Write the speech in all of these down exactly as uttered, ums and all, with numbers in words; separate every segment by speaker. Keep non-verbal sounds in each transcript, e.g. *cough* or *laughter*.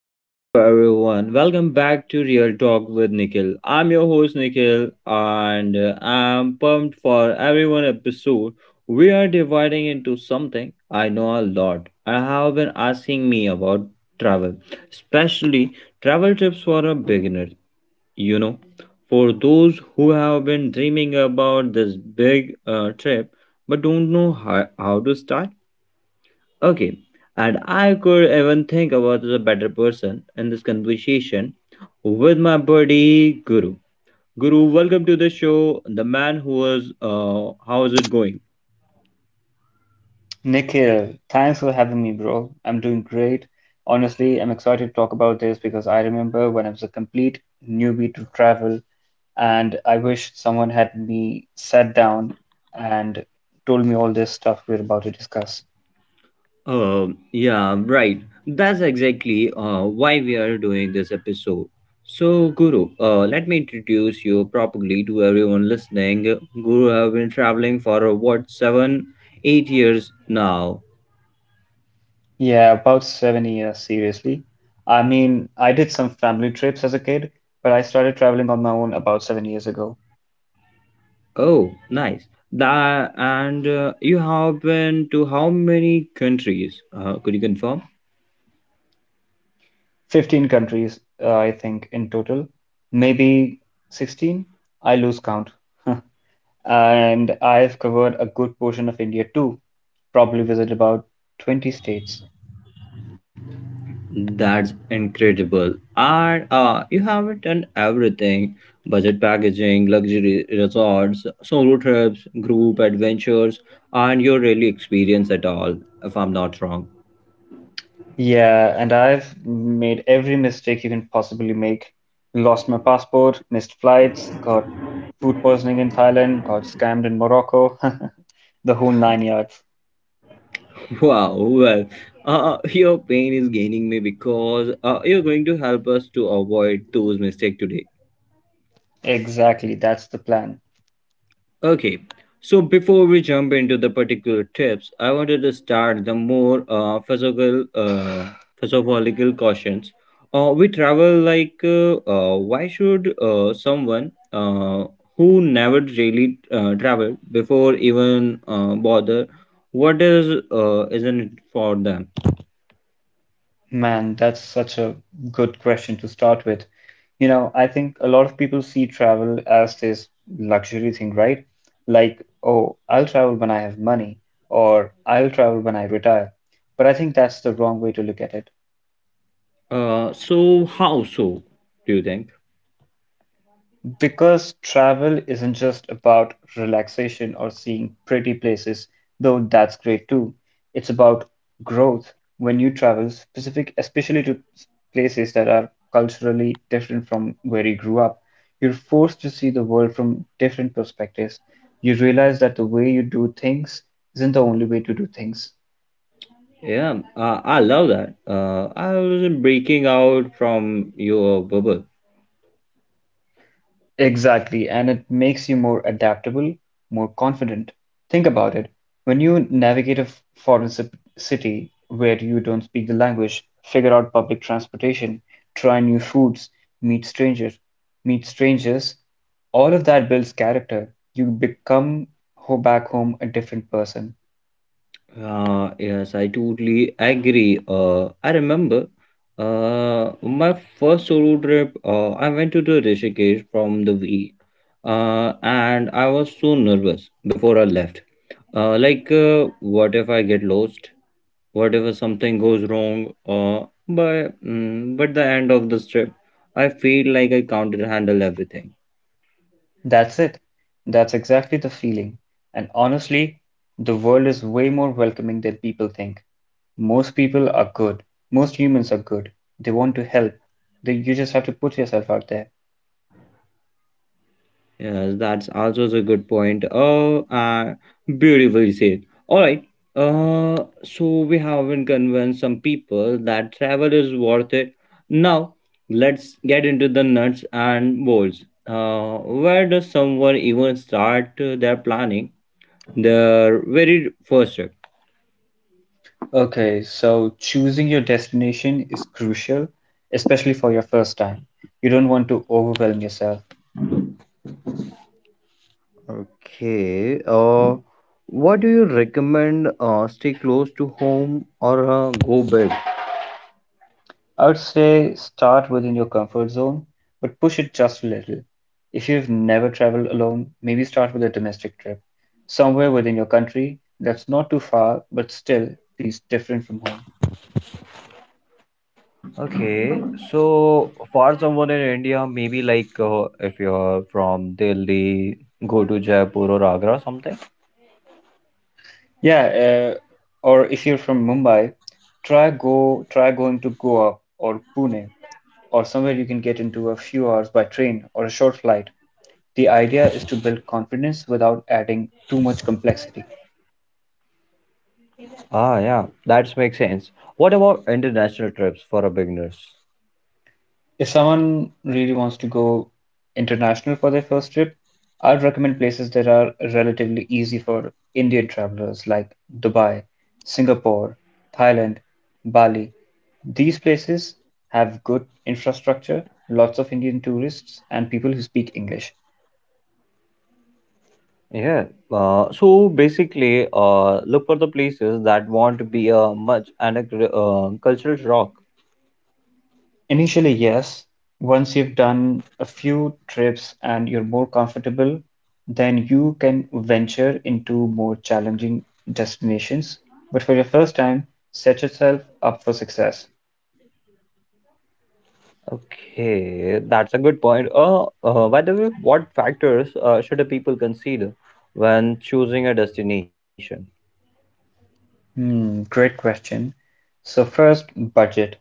Speaker 1: Hello, everyone. Welcome back to Real Talk with Nikhil. I'm your host, Nikhil, and uh, I'm pumped for every one episode. We are dividing into something I know a lot and have been asking me about travel, especially travel trips for a beginner. You know, for those who have been dreaming about this big uh, trip but don't know how, how to start. Okay, and I could even think about the better person in this conversation with my buddy Guru. Guru, welcome to the show. The man who was, uh, how's it going?
Speaker 2: Nikhil, thanks for having me, bro. I'm doing great. Honestly, I'm excited to talk about this because I remember when I was a complete newbie to travel, and I wish someone had me sat down and told me all this stuff we're about to discuss.
Speaker 1: Um, yeah, right. That's exactly uh, why we are doing this episode. So, Guru, uh, let me introduce you properly to everyone listening. Guru have been traveling for uh, what seven, eight years now.
Speaker 2: Yeah, about seven years, seriously. I mean, I did some family trips as a kid, but I started traveling on my own about seven years ago.
Speaker 1: Oh, nice. That and uh, you have been to how many countries? Uh, could you confirm?
Speaker 2: fifteen countries, uh, I think, in total. Maybe sixteen? I lose count. *laughs* And I've covered a good portion of India too, probably visited about twenty states.
Speaker 1: That's incredible. And uh, you haven't done everything: budget packaging, luxury resorts, solo trips, group adventures, and you're really experienced at all, if I'm not wrong.
Speaker 2: Yeah, and I've made every mistake you can possibly make. Lost my passport, missed flights, got food poisoning in Thailand, got scammed in Morocco, *laughs* the whole nine yards.
Speaker 1: *laughs* Wow. Well, uh, your pain is gaining me because uh, you're going to help us to avoid those mistakes today.
Speaker 2: Exactly, that's the plan.
Speaker 1: Okay, so before we jump into the particular tips, I wanted to start the more uh, philosophical, uh, philosophical questions. Uh, we travel like, uh, uh, why should uh, someone uh, who never really uh, traveled before even uh, bother? What is uh, isn't it for them?
Speaker 2: Man, that's such a good question to start with. You know, I think a lot of people see travel as this luxury thing, right? Like, oh, I'll travel when I have money, or I'll travel when I retire. But I think that's the wrong way to look at it.
Speaker 1: Uh, so how so? Do you think?
Speaker 2: Because travel isn't just about relaxation or seeing pretty places, though that's great too. It's about growth when you travel, specific, especially to s- places that are culturally different from where you grew up. You're forced to see the world from different perspectives. You realize that the way you do things isn't the only way to do things.
Speaker 1: Yeah, uh, I love that. Uh, I wasn't breaking out from your bubble.
Speaker 2: Exactly, and it makes you more adaptable, more confident. Think about it. When you navigate a f- foreign ci- city where you don't speak the language, figure out public transportation, try new foods, meet strangers, meet strangers, all of that builds character. You become ho back home a different person.
Speaker 1: Uh, yes, I totally agree. Uh, I remember uh, my first solo trip. uh, I went to the Rishikesh from the week, uh, and I was so nervous before I left. Uh, like, uh, what if I get lost? What if something goes wrong? Uh, but, mm, but the end of this trip, I feel like I can't handle everything.
Speaker 2: That's it. That's exactly the feeling. And honestly, the world is way more welcoming than people think. Most people are good. Most humans are good. They want to help. They, you just have to put yourself out there.
Speaker 1: Yes, that's also a good point. Oh, uh, beautifully said. All right. Uh, so we haven't convinced some people that travel is worth it. Now, let's get into the nuts and bolts. Uh, where does someone even start uh, their planning their very first trip?
Speaker 2: Okay, so choosing your destination is crucial, especially for your first time. You don't want to overwhelm yourself.
Speaker 1: Okay, uh, what do you recommend? Uh, stay close to home or uh, go big?
Speaker 2: I would say start within your comfort zone, but push it just a little. If you've never traveled alone, maybe start with a domestic trip, somewhere within your country that's not too far, but still feels different from home.
Speaker 1: Okay, so for someone in India, maybe like uh, if you're from Delhi, go to Jaipur or Agra or something.
Speaker 2: Yeah, uh, or if you're from Mumbai, try go try going to Goa or Pune or somewhere you can get into a few hours by train or a short flight. The idea is to build confidence without adding too much complexity.
Speaker 1: Ah, yeah, that makes sense. What about international trips for a beginners?
Speaker 2: If someone really wants to go international for their first trip, I'd recommend places that are relatively easy for Indian travelers like Dubai, Singapore, Thailand, Bali. These places have good infrastructure, lots of Indian tourists, and people who speak English.
Speaker 1: Yeah, uh, so basically, uh, look for the places that want to be a much and a cr- uh, cultural shock.
Speaker 2: Initially, yes. Once you've done a few trips and you're more comfortable, then you can venture into more challenging destinations. But for your first time, set yourself up for success.
Speaker 1: Okay, that's a good point. Uh, uh, by the way, what factors uh, should a people consider when choosing a destination?
Speaker 2: Hmm, great question. So first, budget.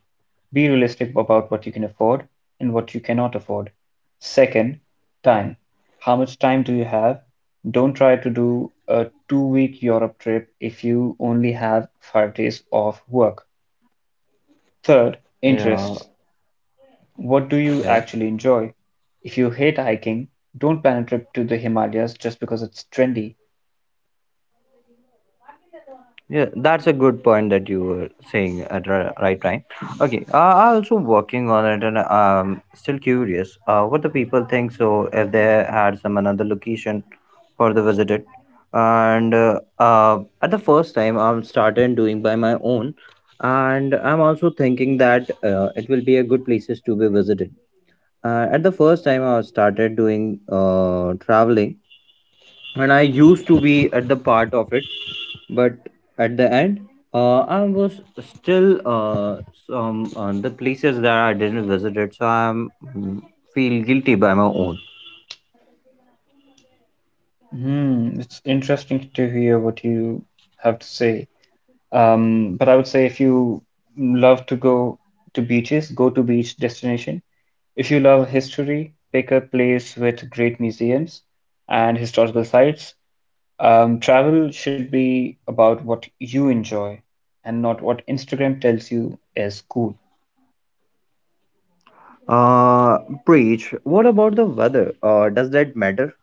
Speaker 2: Be realistic about what you can afford and what you cannot afford. Second, time. How much time do you have? Don't try to do a two-week Europe trip if you only have five days off work. Third, interests.
Speaker 1: Yeah,
Speaker 2: What do you actually
Speaker 1: yeah.
Speaker 2: enjoy? If you hate hiking, don't plan a trip to the Himalayas just because it's trendy.
Speaker 1: Yeah, that's a good point that you were saying at the right time. Okay, uh, I also working on it, and um, still curious uh, what the people think. So if they had some another location for the visited, and uh, uh, at the first time I'm started doing by my own, and I'm also thinking that uh, it will be a good places to be visited. Uh, at the first time I started doing uh, traveling and I used to be at the part of it, but at the end, uh, I was still uh, some uh, the places that I didn't visit, it, so I'm mm, feel guilty by my own.
Speaker 2: Hmm, it's interesting to hear what you have to say. Um, but I would say if you love to go to beaches, go to beach destination. If you love history, pick a place with great museums and historical sites. Um, travel should be about what you enjoy and not what Instagram tells you is cool.
Speaker 1: Uh, Preach. What about the weather? Uh, does that matter?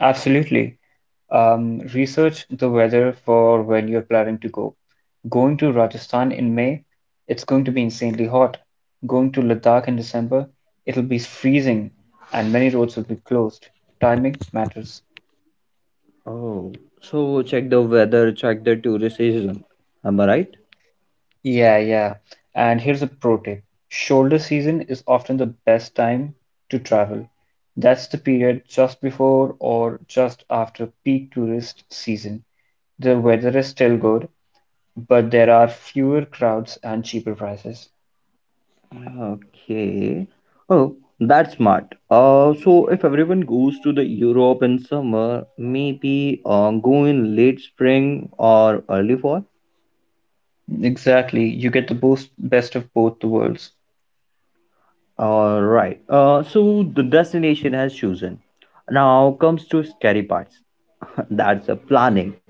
Speaker 2: Absolutely. Um, research the weather for when you're planning to go. Going to Rajasthan in May, it's going to be insanely hot. Going to Ladakh in December, it'll be freezing and many roads will be closed. Timing matters.
Speaker 1: Oh, so check the weather, check the tourist season. Am I right?
Speaker 2: Yeah, yeah. And here's a pro tip. Shoulder season is often the best time to travel. That's the period just before or just after peak tourist season. The weather is still good, but there are fewer crowds and cheaper prices.
Speaker 1: Okay. Oh, that's smart. Uh, so if everyone goes to the Europe in summer, maybe uh, go in late spring or early fall.
Speaker 2: Exactly. You get the boost, best of both the worlds.
Speaker 1: All right. Uh, so the destination has chosen. Now comes to scary parts. *laughs* That's a planning.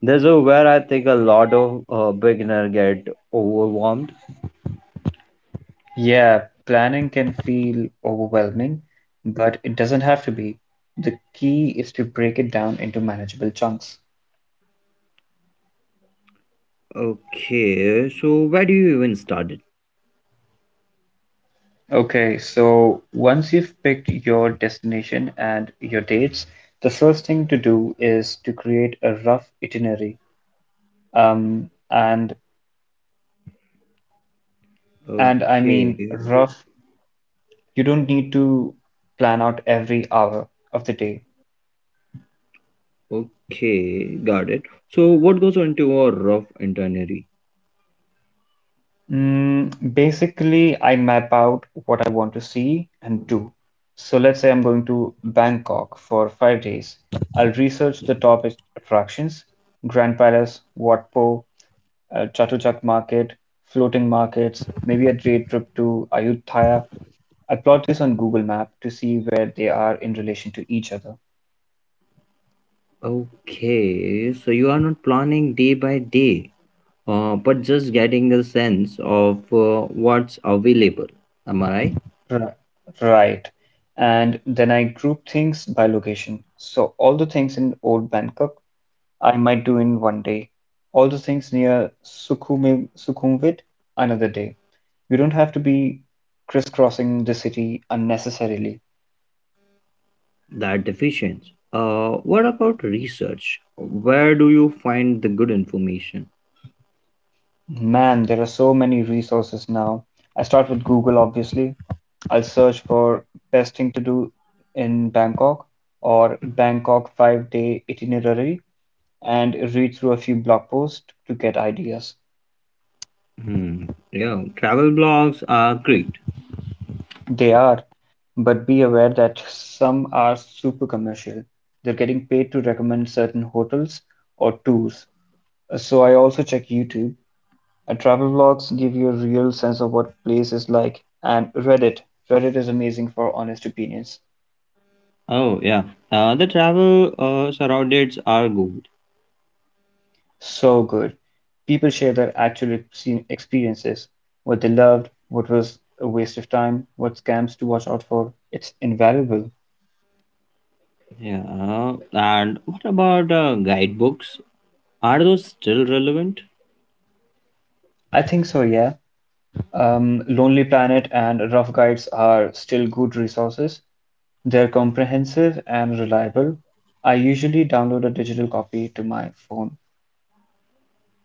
Speaker 1: This is where I think a lot of uh, beginner get overwhelmed.
Speaker 2: Yeah, planning can feel overwhelming, but it doesn't have to be. The key is to break it down into manageable chunks.
Speaker 1: Okay. So where do you even start it?
Speaker 2: Okay, so once you've picked your destination and your dates, the first thing to do is to create a rough itinerary. Um, and and I
Speaker 1: Okay.
Speaker 2: mean rough, you don't need to plan out every hour of the day.
Speaker 1: Okay, got it. So, what goes into a rough itinerary?
Speaker 2: Mm, basically, I map out what I want to see and do. So let's say I'm going to Bangkok for five days. I'll research the top at- attractions, Grand Palace, Wat Po, uh, Chatuchak Market, floating markets, maybe a day trip to Ayutthaya. I plot this on Google Map to see where they are in relation to each other.
Speaker 1: Okay, so you are not planning day by day, uh, but just getting a sense of uh, what's available. Am I right?
Speaker 2: Right. Right. And then I group things by location. So all the things in old Bangkok I might do in one day. All the things near Sukhumi, Sukhumvit another day. You don't have to be crisscrossing the city unnecessarily.
Speaker 1: That deficient. Uh, what about research? Where do you find the good information?
Speaker 2: Man, there are so many resources now. I start with Google, obviously. I'll search for best thing to do in Bangkok or Bangkok five day itinerary and read through a few blog posts to get ideas.
Speaker 1: Hmm. Yeah, travel blogs are great.
Speaker 2: They are, but be aware that some are super commercial. They're getting paid to recommend certain hotels or tours. Uh, So I also check YouTube. And travel vlogs give you a real sense of what place is like. And Reddit. Reddit is amazing for honest opinions.
Speaker 1: Oh yeah, uh, the travel uh, surroundings are good.
Speaker 2: So good. People share their actual ex- experiences, what they loved, what was a waste of time, what scams to watch out for. It's invaluable.
Speaker 1: Yeah, and what about uh, guidebooks? Are those still relevant?
Speaker 2: I think so, yeah. Um, Lonely Planet and Rough Guides are still good resources. They're comprehensive and reliable. I usually download a digital copy to my phone.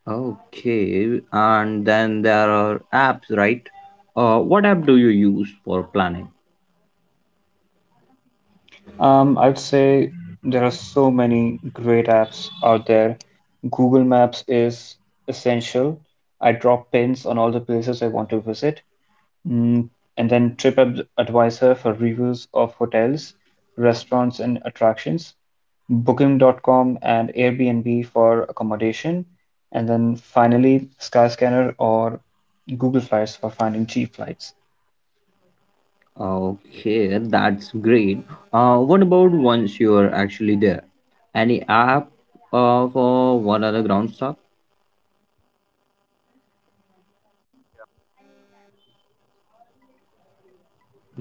Speaker 1: Okay, and then there are apps, right? Uh, what app do you use for planning?
Speaker 2: Um, I'd say there are so many great apps out there. Google Maps is essential. I drop pins on all the places I want to visit. Mm, and then TripAdvisor for reviews of hotels, restaurants, and attractions, booking dot com and Airbnb for accommodation, and then finally Skyscanner or Google Flights for finding cheap flights.
Speaker 1: Okay, that's great. Uh, what about once you're actually there? Any app uh, for one other ground stuff?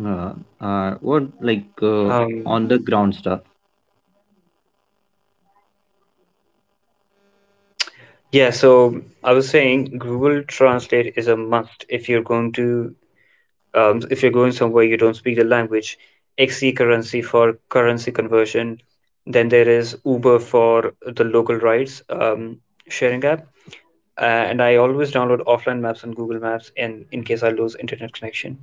Speaker 1: Uh, uh, what like uh,
Speaker 2: Um,
Speaker 1: on the ground stuff?
Speaker 2: yeah, so I was saying Google Translate is a must if you're going to um, if you're going somewhere you don't speak the language, xe currency for currency conversion, then there is uber for the local rides, um, sharing app. uh, and I always download offline maps on Google Maps in in case I lose internet connection.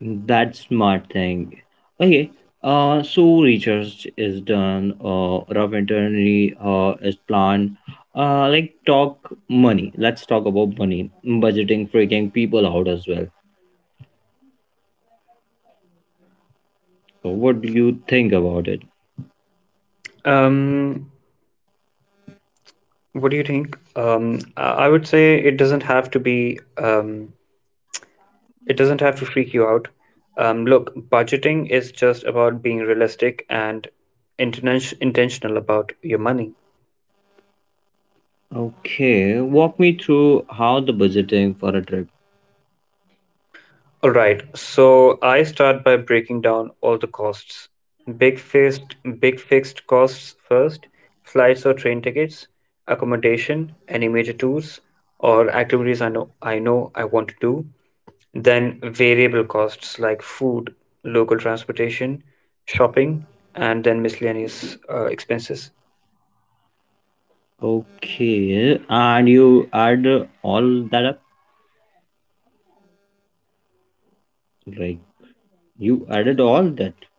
Speaker 1: That's smart thing. Okay. Uh, so research is done. Uh, raw veterinary uh, is planned. Uh, like talk money. Let's talk about money. Budgeting freaking people out as well. So what do you think about it?
Speaker 2: um, what do you think? Um, i I would say it doesn't have to be, um, it doesn't have to freak you out. Um, look, budgeting is just about being realistic and inten- intentional about your money.
Speaker 1: Okay, walk me through how the budgeting for a trip.
Speaker 2: All right, so I start by breaking down all the costs. Big fixed, big fixed costs first, flights or train tickets, accommodation, any major tours or activities I know I know I want to do. Then variable costs like food, local transportation, shopping, and then miscellaneous uh, expenses.
Speaker 1: Okay, and you add uh, all that up. Like you added all that.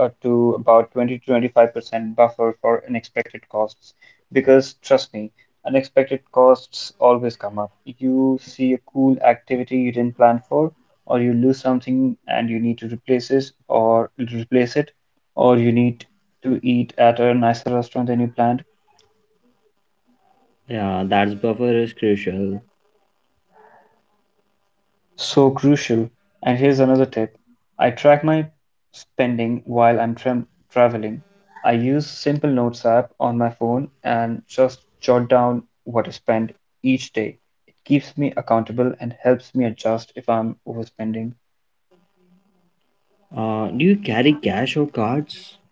Speaker 2: uh, To about twenty to twenty-five percent buffer for unexpected costs. Because trust me, unexpected costs always come up. You see a cool activity you didn't plan for, or you lose something and you need to replace it, or replace it, or you need to eat at a nicer restaurant than you planned.
Speaker 1: Yeah, that's buffer is crucial.
Speaker 2: So crucial. And here's another tip. I track my spending while I'm tra- traveling. I use Simple Notes app on my phone and just jot down what I spend each day. It keeps me accountable and helps me adjust if I'm overspending.
Speaker 1: Uh, do you carry cash or cards?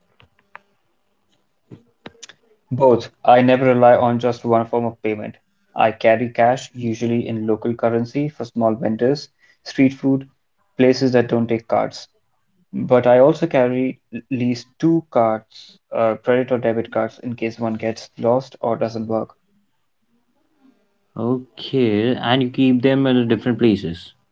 Speaker 2: Both. I never rely on just one form of payment. I carry cash, usually in local currency, for small vendors, street food, places that don't take cards. But I also carry at least two cards, uh, credit or debit cards, in case one gets lost or doesn't work.
Speaker 1: Okay, and you keep them in different places.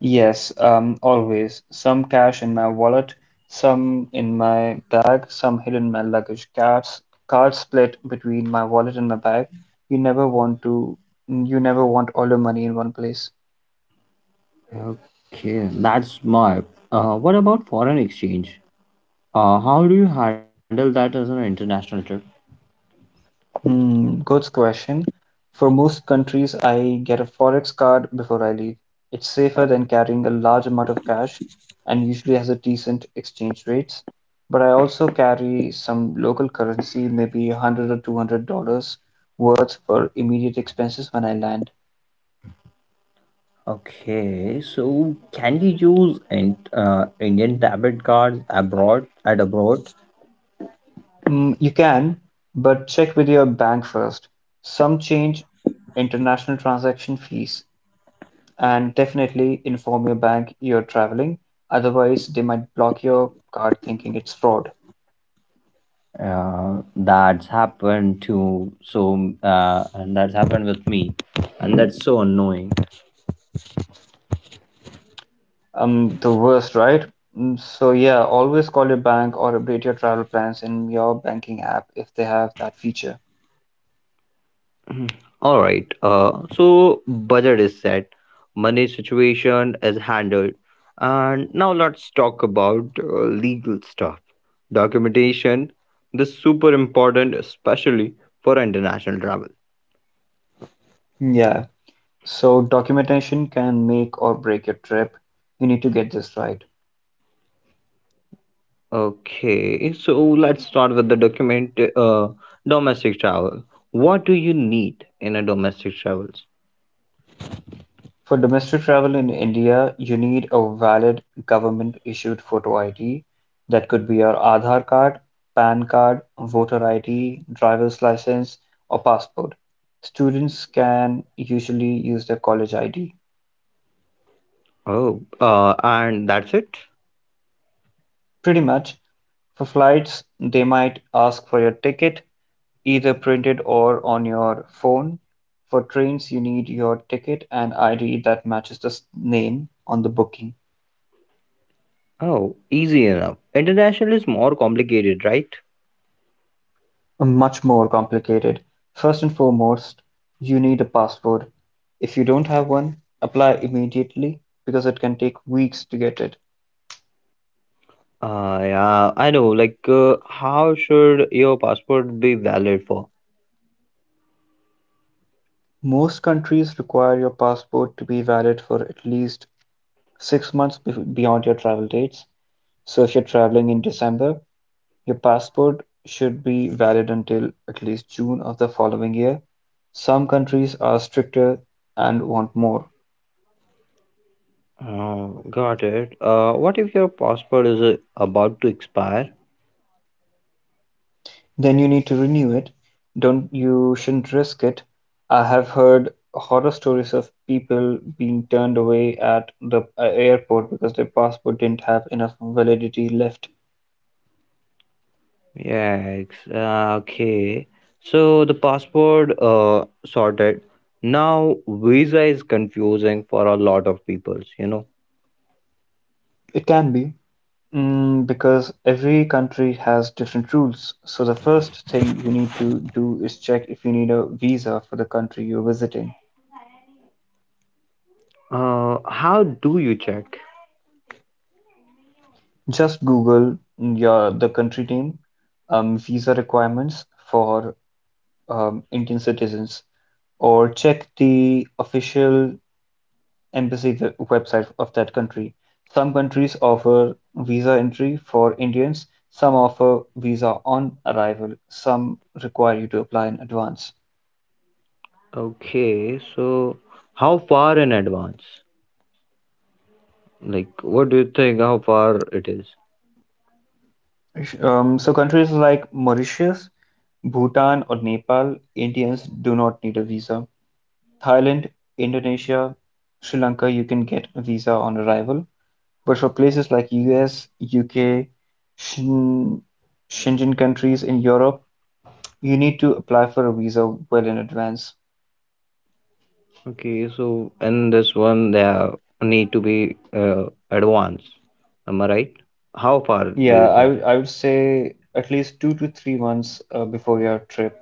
Speaker 2: Yes, um, always. Some cash in my wallet, some in my bag, some hidden in my luggage. Cards, cards split between my wallet and my bag. You never want to, you never want all your money in one place.
Speaker 1: Okay, that's smart. Uh, what about foreign exchange? Uh, how do you handle that as an international trip?
Speaker 2: Hmm, good question. For most countries, I get a forex card before I leave. It's safer than carrying a large amount of cash and usually has a decent exchange rates. But I also carry some local currency, maybe one hundred or two hundred dollars worth for immediate expenses when I land.
Speaker 1: Okay, so can you use in, uh, Indian debit cards abroad at abroad?
Speaker 2: Mm, you can, but check with your bank first. Some change international transaction fees. And definitely inform your bank you're traveling, otherwise they might block your card thinking it's fraud.
Speaker 1: Uh, that's happened to so uh, and that's happened with me, and that's so annoying.
Speaker 2: Um, the worst, right? Mm, So yeah, always call your bank or update your travel plans in your banking app if they have that feature.
Speaker 1: All right. Uh, so budget is set, money situation is handled, and now let's talk about uh, legal stuff, documentation. This super important, especially for international travel.
Speaker 2: Yeah. So documentation can make or break your trip. You need to get this right.
Speaker 1: Okay, so let's start with the document uh, domestic travel. What do you need in a domestic travels?
Speaker 2: For domestic travel in India, you need a valid government-issued photo id that could be your Aadhaar card, PAN card, voter id, driver's license, or passport. Students can usually use their college id.
Speaker 1: Oh, uh, and that's it.
Speaker 2: Pretty much. For flights, they might ask for your ticket, either printed or on your phone. For trains, you need your ticket and id that matches the s- name on the booking.
Speaker 1: Oh, easy enough. International is more complicated, right?
Speaker 2: Much more complicated. First and foremost, you need a passport. If you don't have one, apply immediately because it can take weeks to get it.
Speaker 1: Uh, yeah, I know. Like, uh, how should your passport be valid for?
Speaker 2: Most countries require your passport to be valid for at least six months be- beyond your travel dates. So if you're traveling in December, your passport should be valid until at least June of the following year. Some countries are stricter and want more.
Speaker 1: Oh, got it. Uh, what if your passport is uh, about to expire?
Speaker 2: Then you need to renew it. Don't You shouldn't risk it. I have heard horror stories of people being turned away at the uh, airport because their passport didn't have enough validity left.
Speaker 1: Yeah, okay. So the passport uh sorted. Now visa is confusing for a lot of peoples, you know.
Speaker 2: It can be, mm, because every country has different rules. So the first thing you need to do is check if you need a visa for the country you're visiting.
Speaker 1: Uh, how do you check?
Speaker 2: Just Google your the country name, um, visa requirements for um, Indian citizens, or check the official embassy we- website of that country. Some countries offer visa entry for Indians, some offer visa on arrival, some require you to apply in advance.
Speaker 1: Okay, so how far in advance? Like, what do you think? How far it is?
Speaker 2: Um, so countries like Mauritius, Bhutan, or Nepal, Indians do not need a visa. Thailand, Indonesia, Sri Lanka, you can get a visa on arrival. But for places like U S, U K, Shen- Schengen countries in Europe, you need to apply for a visa well in advance.
Speaker 1: Okay, so in this one, there need to be uh, advanced. Am I right? How far do you
Speaker 2: Yeah, I
Speaker 1: think?
Speaker 2: would I would say at least two to three months uh, before your trip.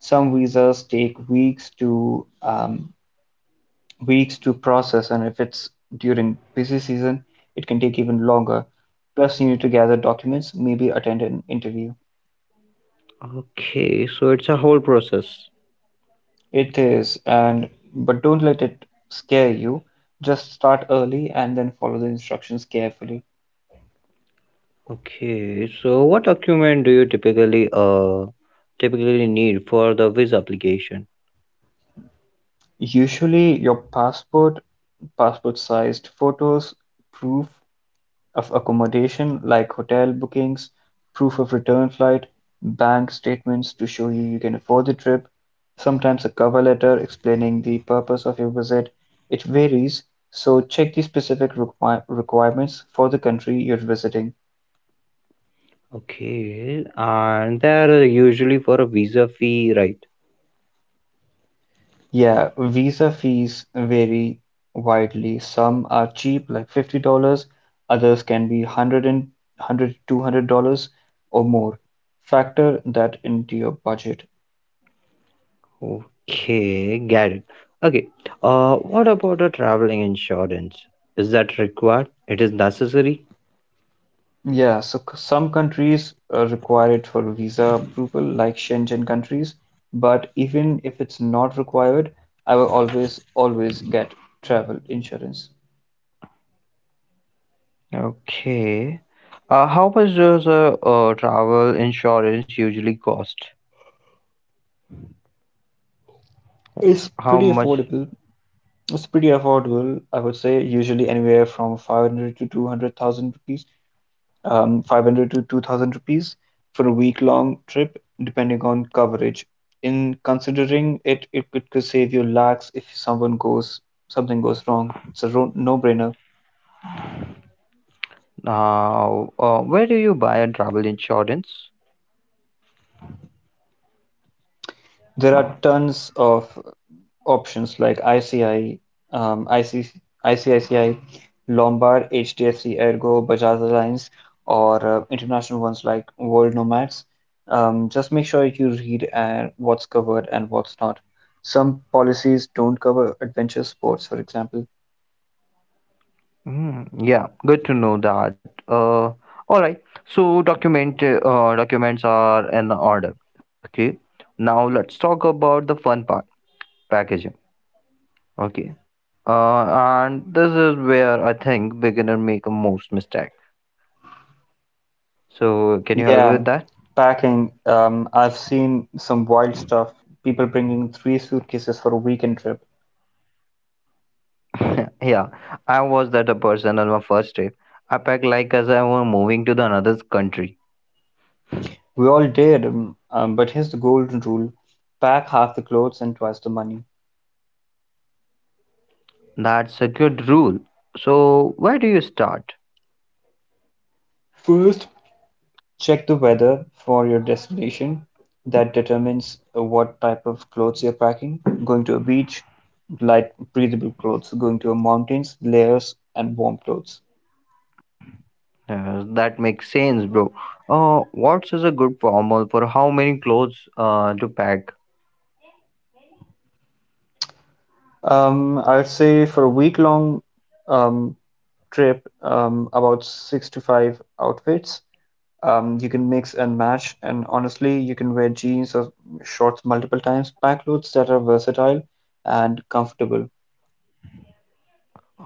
Speaker 2: Some visas take weeks to um, weeks to process, and if it's during busy season, it can take even longer. Plus, you need to gather documents, maybe attend an interview.
Speaker 1: Okay, so it's a whole process.
Speaker 2: It is, and but don't let it scare you. Just start early and then follow the instructions carefully.
Speaker 1: Okay, so what document do you typically uh typically need for the visa application?
Speaker 2: Usually, your passport, passport-sized photos, proof of accommodation like hotel bookings, proof of return flight, bank statements to show you you can afford the trip, sometimes a cover letter explaining the purpose of your visit. It varies, so check the specific requir- requirements for the country you're visiting.
Speaker 1: Okay, and there are usually for a visa fee, right?
Speaker 2: Yeah, visa fees vary widely. Some are cheap, like fifty dollars; others can be one hundred dollars or more. Factor that into your budget.
Speaker 1: Okay, got it. Okay, uh, what about the traveling insurance? Is that required? It is necessary?
Speaker 2: Yeah, so c- some countries uh, require it for visa approval, like Schengen countries, but even if it's not required, I will always, always get travel insurance.
Speaker 1: Okay. Uh, how much does a uh, travel insurance usually cost?
Speaker 2: It's
Speaker 1: How
Speaker 2: pretty
Speaker 1: much?
Speaker 2: affordable It's pretty affordable, I would say, usually anywhere from five hundred to two hundred thousand rupees, um, five hundred to two thousand rupees for a week-long trip, depending on coverage. In considering it, it could, could save you lakhs if someone goes, something goes wrong. It's a ro- no-brainer.
Speaker 1: Uh, uh, where do you buy a travel insurance?
Speaker 2: There are tons of options like ICI, um, IC, I C I C I, Lombard, H D F C, Ergo, Bajaj Alliance, or uh, international ones like World Nomads. Um, just make sure you read uh, what's covered and what's not. Some policies don't cover adventure sports, for example.
Speaker 1: Mm, yeah, good to know that. Uh, all right. So document uh, documents are in order. Okay. Now let's talk about the fun part, packaging. Okay. Uh, and this is where I think beginner make a most mistake. So can you help with that?
Speaker 2: Yeah, packing. Um, I've seen some wild stuff. People bringing three suitcases for a weekend trip.
Speaker 1: *laughs* Yeah, I was that a person on my first trip. I packed like as I were moving to the another country.
Speaker 2: We all did, um, um, but here's the golden rule: pack half the clothes and twice the money.
Speaker 1: That's a good rule. So where do you start?
Speaker 2: First, check the weather for your destination. That determines uh, what type of clothes you're packing. Going to a beach, light, breathable clothes. Going to a mountains, layers and warm clothes.
Speaker 1: Uh, that makes sense, bro. Uh, what is a good formal for how many clothes uh, to pack?
Speaker 2: Um, I'd say for a week-long um, trip, um, about six to five outfits. Um, you can mix and match, and honestly, you can wear jeans or shorts multiple times. Pack clothes that are versatile and comfortable.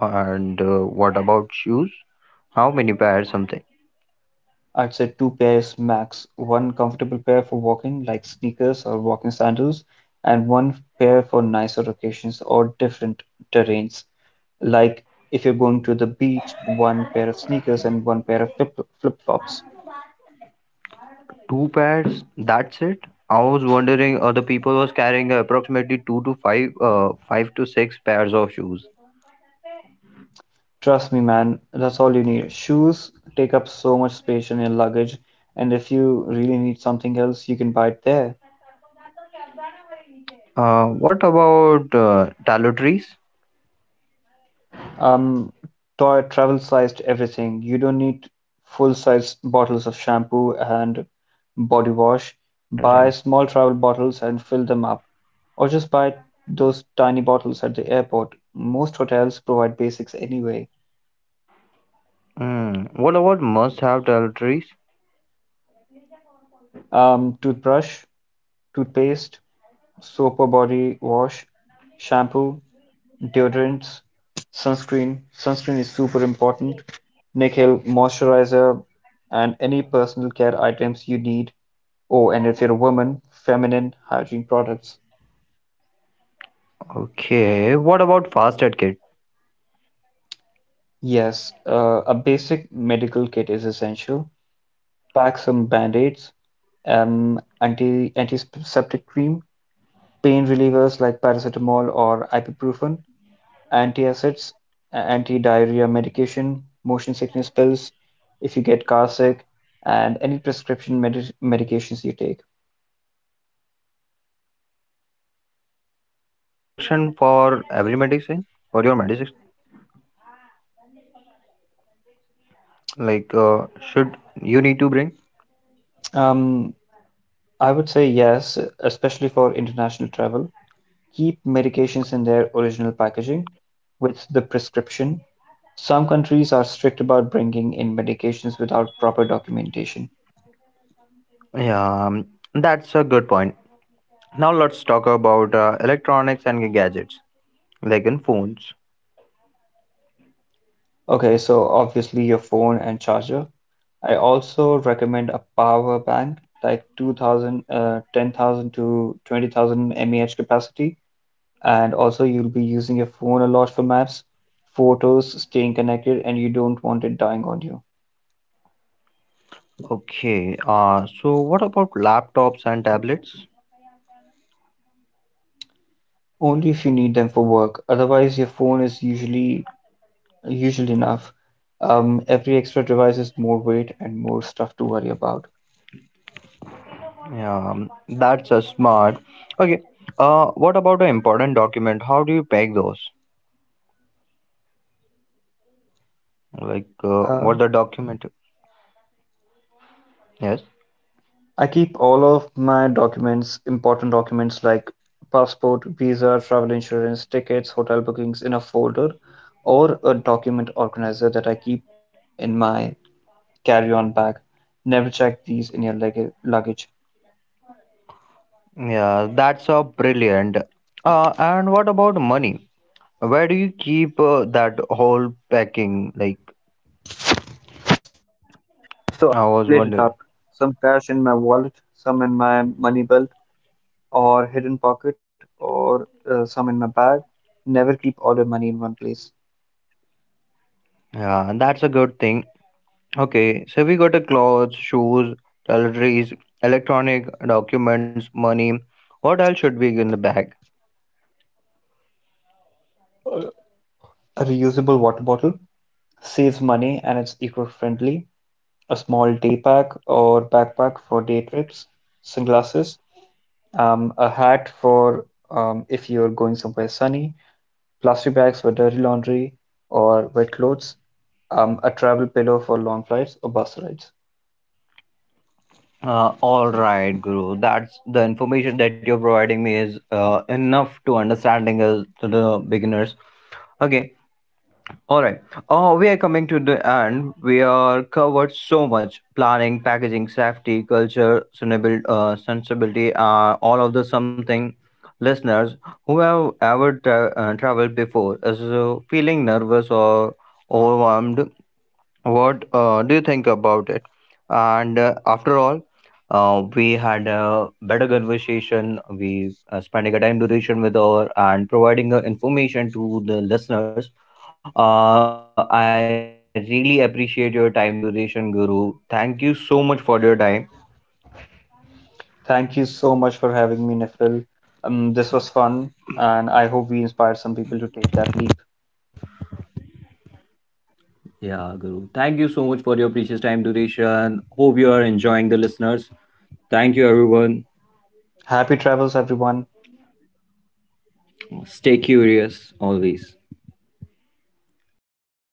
Speaker 1: And uh, what about shoes? How many pairs? Something.
Speaker 2: I'd say two pairs max. One comfortable pair for walking, like sneakers or walking sandals, and one pair for nicer occasions or different terrains. Like if you're going to the beach, one pair of sneakers and one pair of flip flops.
Speaker 1: Two pairs. That's it. I was wondering other people was carrying approximately two to five, uh, five to six pairs of shoes.
Speaker 2: Trust me, man, that's all you need. Shoes take up so much space in your luggage, and if you really need something else, you can buy it there.
Speaker 1: Uh, what about uh, tallow.
Speaker 2: um Toy, travel sized everything. You don't need full size bottles of shampoo
Speaker 1: Like
Speaker 2: and
Speaker 1: uh, I was
Speaker 2: body
Speaker 1: uh,
Speaker 2: wash. Buy
Speaker 1: wondering.
Speaker 2: small travel bottles and fill them up, or just buy those tiny bottles at the airport. Most hotels provide basics anyway.
Speaker 1: Hmm. What about must-have toiletries?
Speaker 2: Um toothbrush, toothpaste, soap or body wash, shampoo, deodorants, sunscreen. Sunscreen is super important. Nickel moisturizer, and any personal care items you need. Oh, and if you're a woman, feminine hygiene products.
Speaker 1: Okay. What about fast aid kit?
Speaker 2: Yes, uh, a basic medical kit is essential. Pack some band-aids, um, anti antiseptic cream, pain relievers like paracetamol or ibuprofen, antacids, a- anti-diarrhea medication, motion sickness pills if you get car sick, and any prescription medi medications you take.
Speaker 1: Uh, should you bring the prescription for every medicine? For your medicine? Like, uh, should you need to bring?
Speaker 2: Um, I would say yes, especially for international travel. Keep medications in their original packaging, with the prescription. Some countries are strict about bringing in medications without proper documentation.
Speaker 1: Yeah, um, that's a good point. Now let's talk about uh, electronics and gadgets, like in phones.
Speaker 2: Okay, so obviously your phone and charger. I also recommend a power bank, like two thousand, uh, ten thousand to twenty thousand mAh capacity. And also, you'll be using your phone a lot for maps, photos, staying connected, and you don't want it dying on you.
Speaker 1: Okay. Uh, so what about laptops and tablets?
Speaker 2: Only if you need them for work. Otherwise, your phone is usually Usually enough. Um, every extra device is more weight and more stuff to worry about.
Speaker 1: Yeah, um, that's a smart. Okay. Uh, what about an important document? How do you peg those? Like, uh, what
Speaker 2: Um,
Speaker 1: the document? Yes.
Speaker 2: I keep all of my documents, important documents like passport, visa, travel insurance, tickets, hotel bookings, in a folder or a document organizer that I keep in my carry-on bag. Never check these in your leg luggage.
Speaker 1: Yeah, that's a brilliant. Uh, and what about money? Where do you keep uh, that whole packing? Like, I
Speaker 2: So I
Speaker 1: was
Speaker 2: split
Speaker 1: wondering.
Speaker 2: it up. Some cash in my wallet, some in my money belt or hidden pocket, or uh, some in my bag. Never keep all your money in one place.
Speaker 1: Yeah, and that's a good thing. Okay, so we got a clothes, shoes, toiletries, electronic documents, money. What else should be in the bag?
Speaker 2: A reusable water bottle saves money and it's eco-friendly. A small day pack or backpack for day trips, sunglasses, um, a hat for um, if you're going somewhere sunny, plastic bags for dirty laundry or wet clothes, um, a travel pillow for long flights or bus rides.
Speaker 1: Uh, all right, Guru. That's the information that you're providing me is uh, enough to understanding as to the beginners. Okay. All right. Oh, we are coming to the end. We are covered so much: planning, packaging, safety, culture, sustainable, uh, sensibility. Uh, all of the something. Listeners who have ever tra- uh, traveled before is uh, feeling nervous or overwhelmed what uh, do you think about it? And uh, after all, uh, we had a better conversation. We uh, spending a time duration with our and providing uh, information to the listeners. Uh, I really appreciate your time duration, Guru. Thank you so much for your time.
Speaker 2: Thank you so much for having me, Nifil. Um, this was fun, and I hope we inspired some people to take that leap.
Speaker 1: Yeah, Guru. Thank you so much for your precious time duration. Hope you are enjoying the listeners. Thank you, everyone.
Speaker 2: Happy travels, everyone.
Speaker 1: Stay curious always.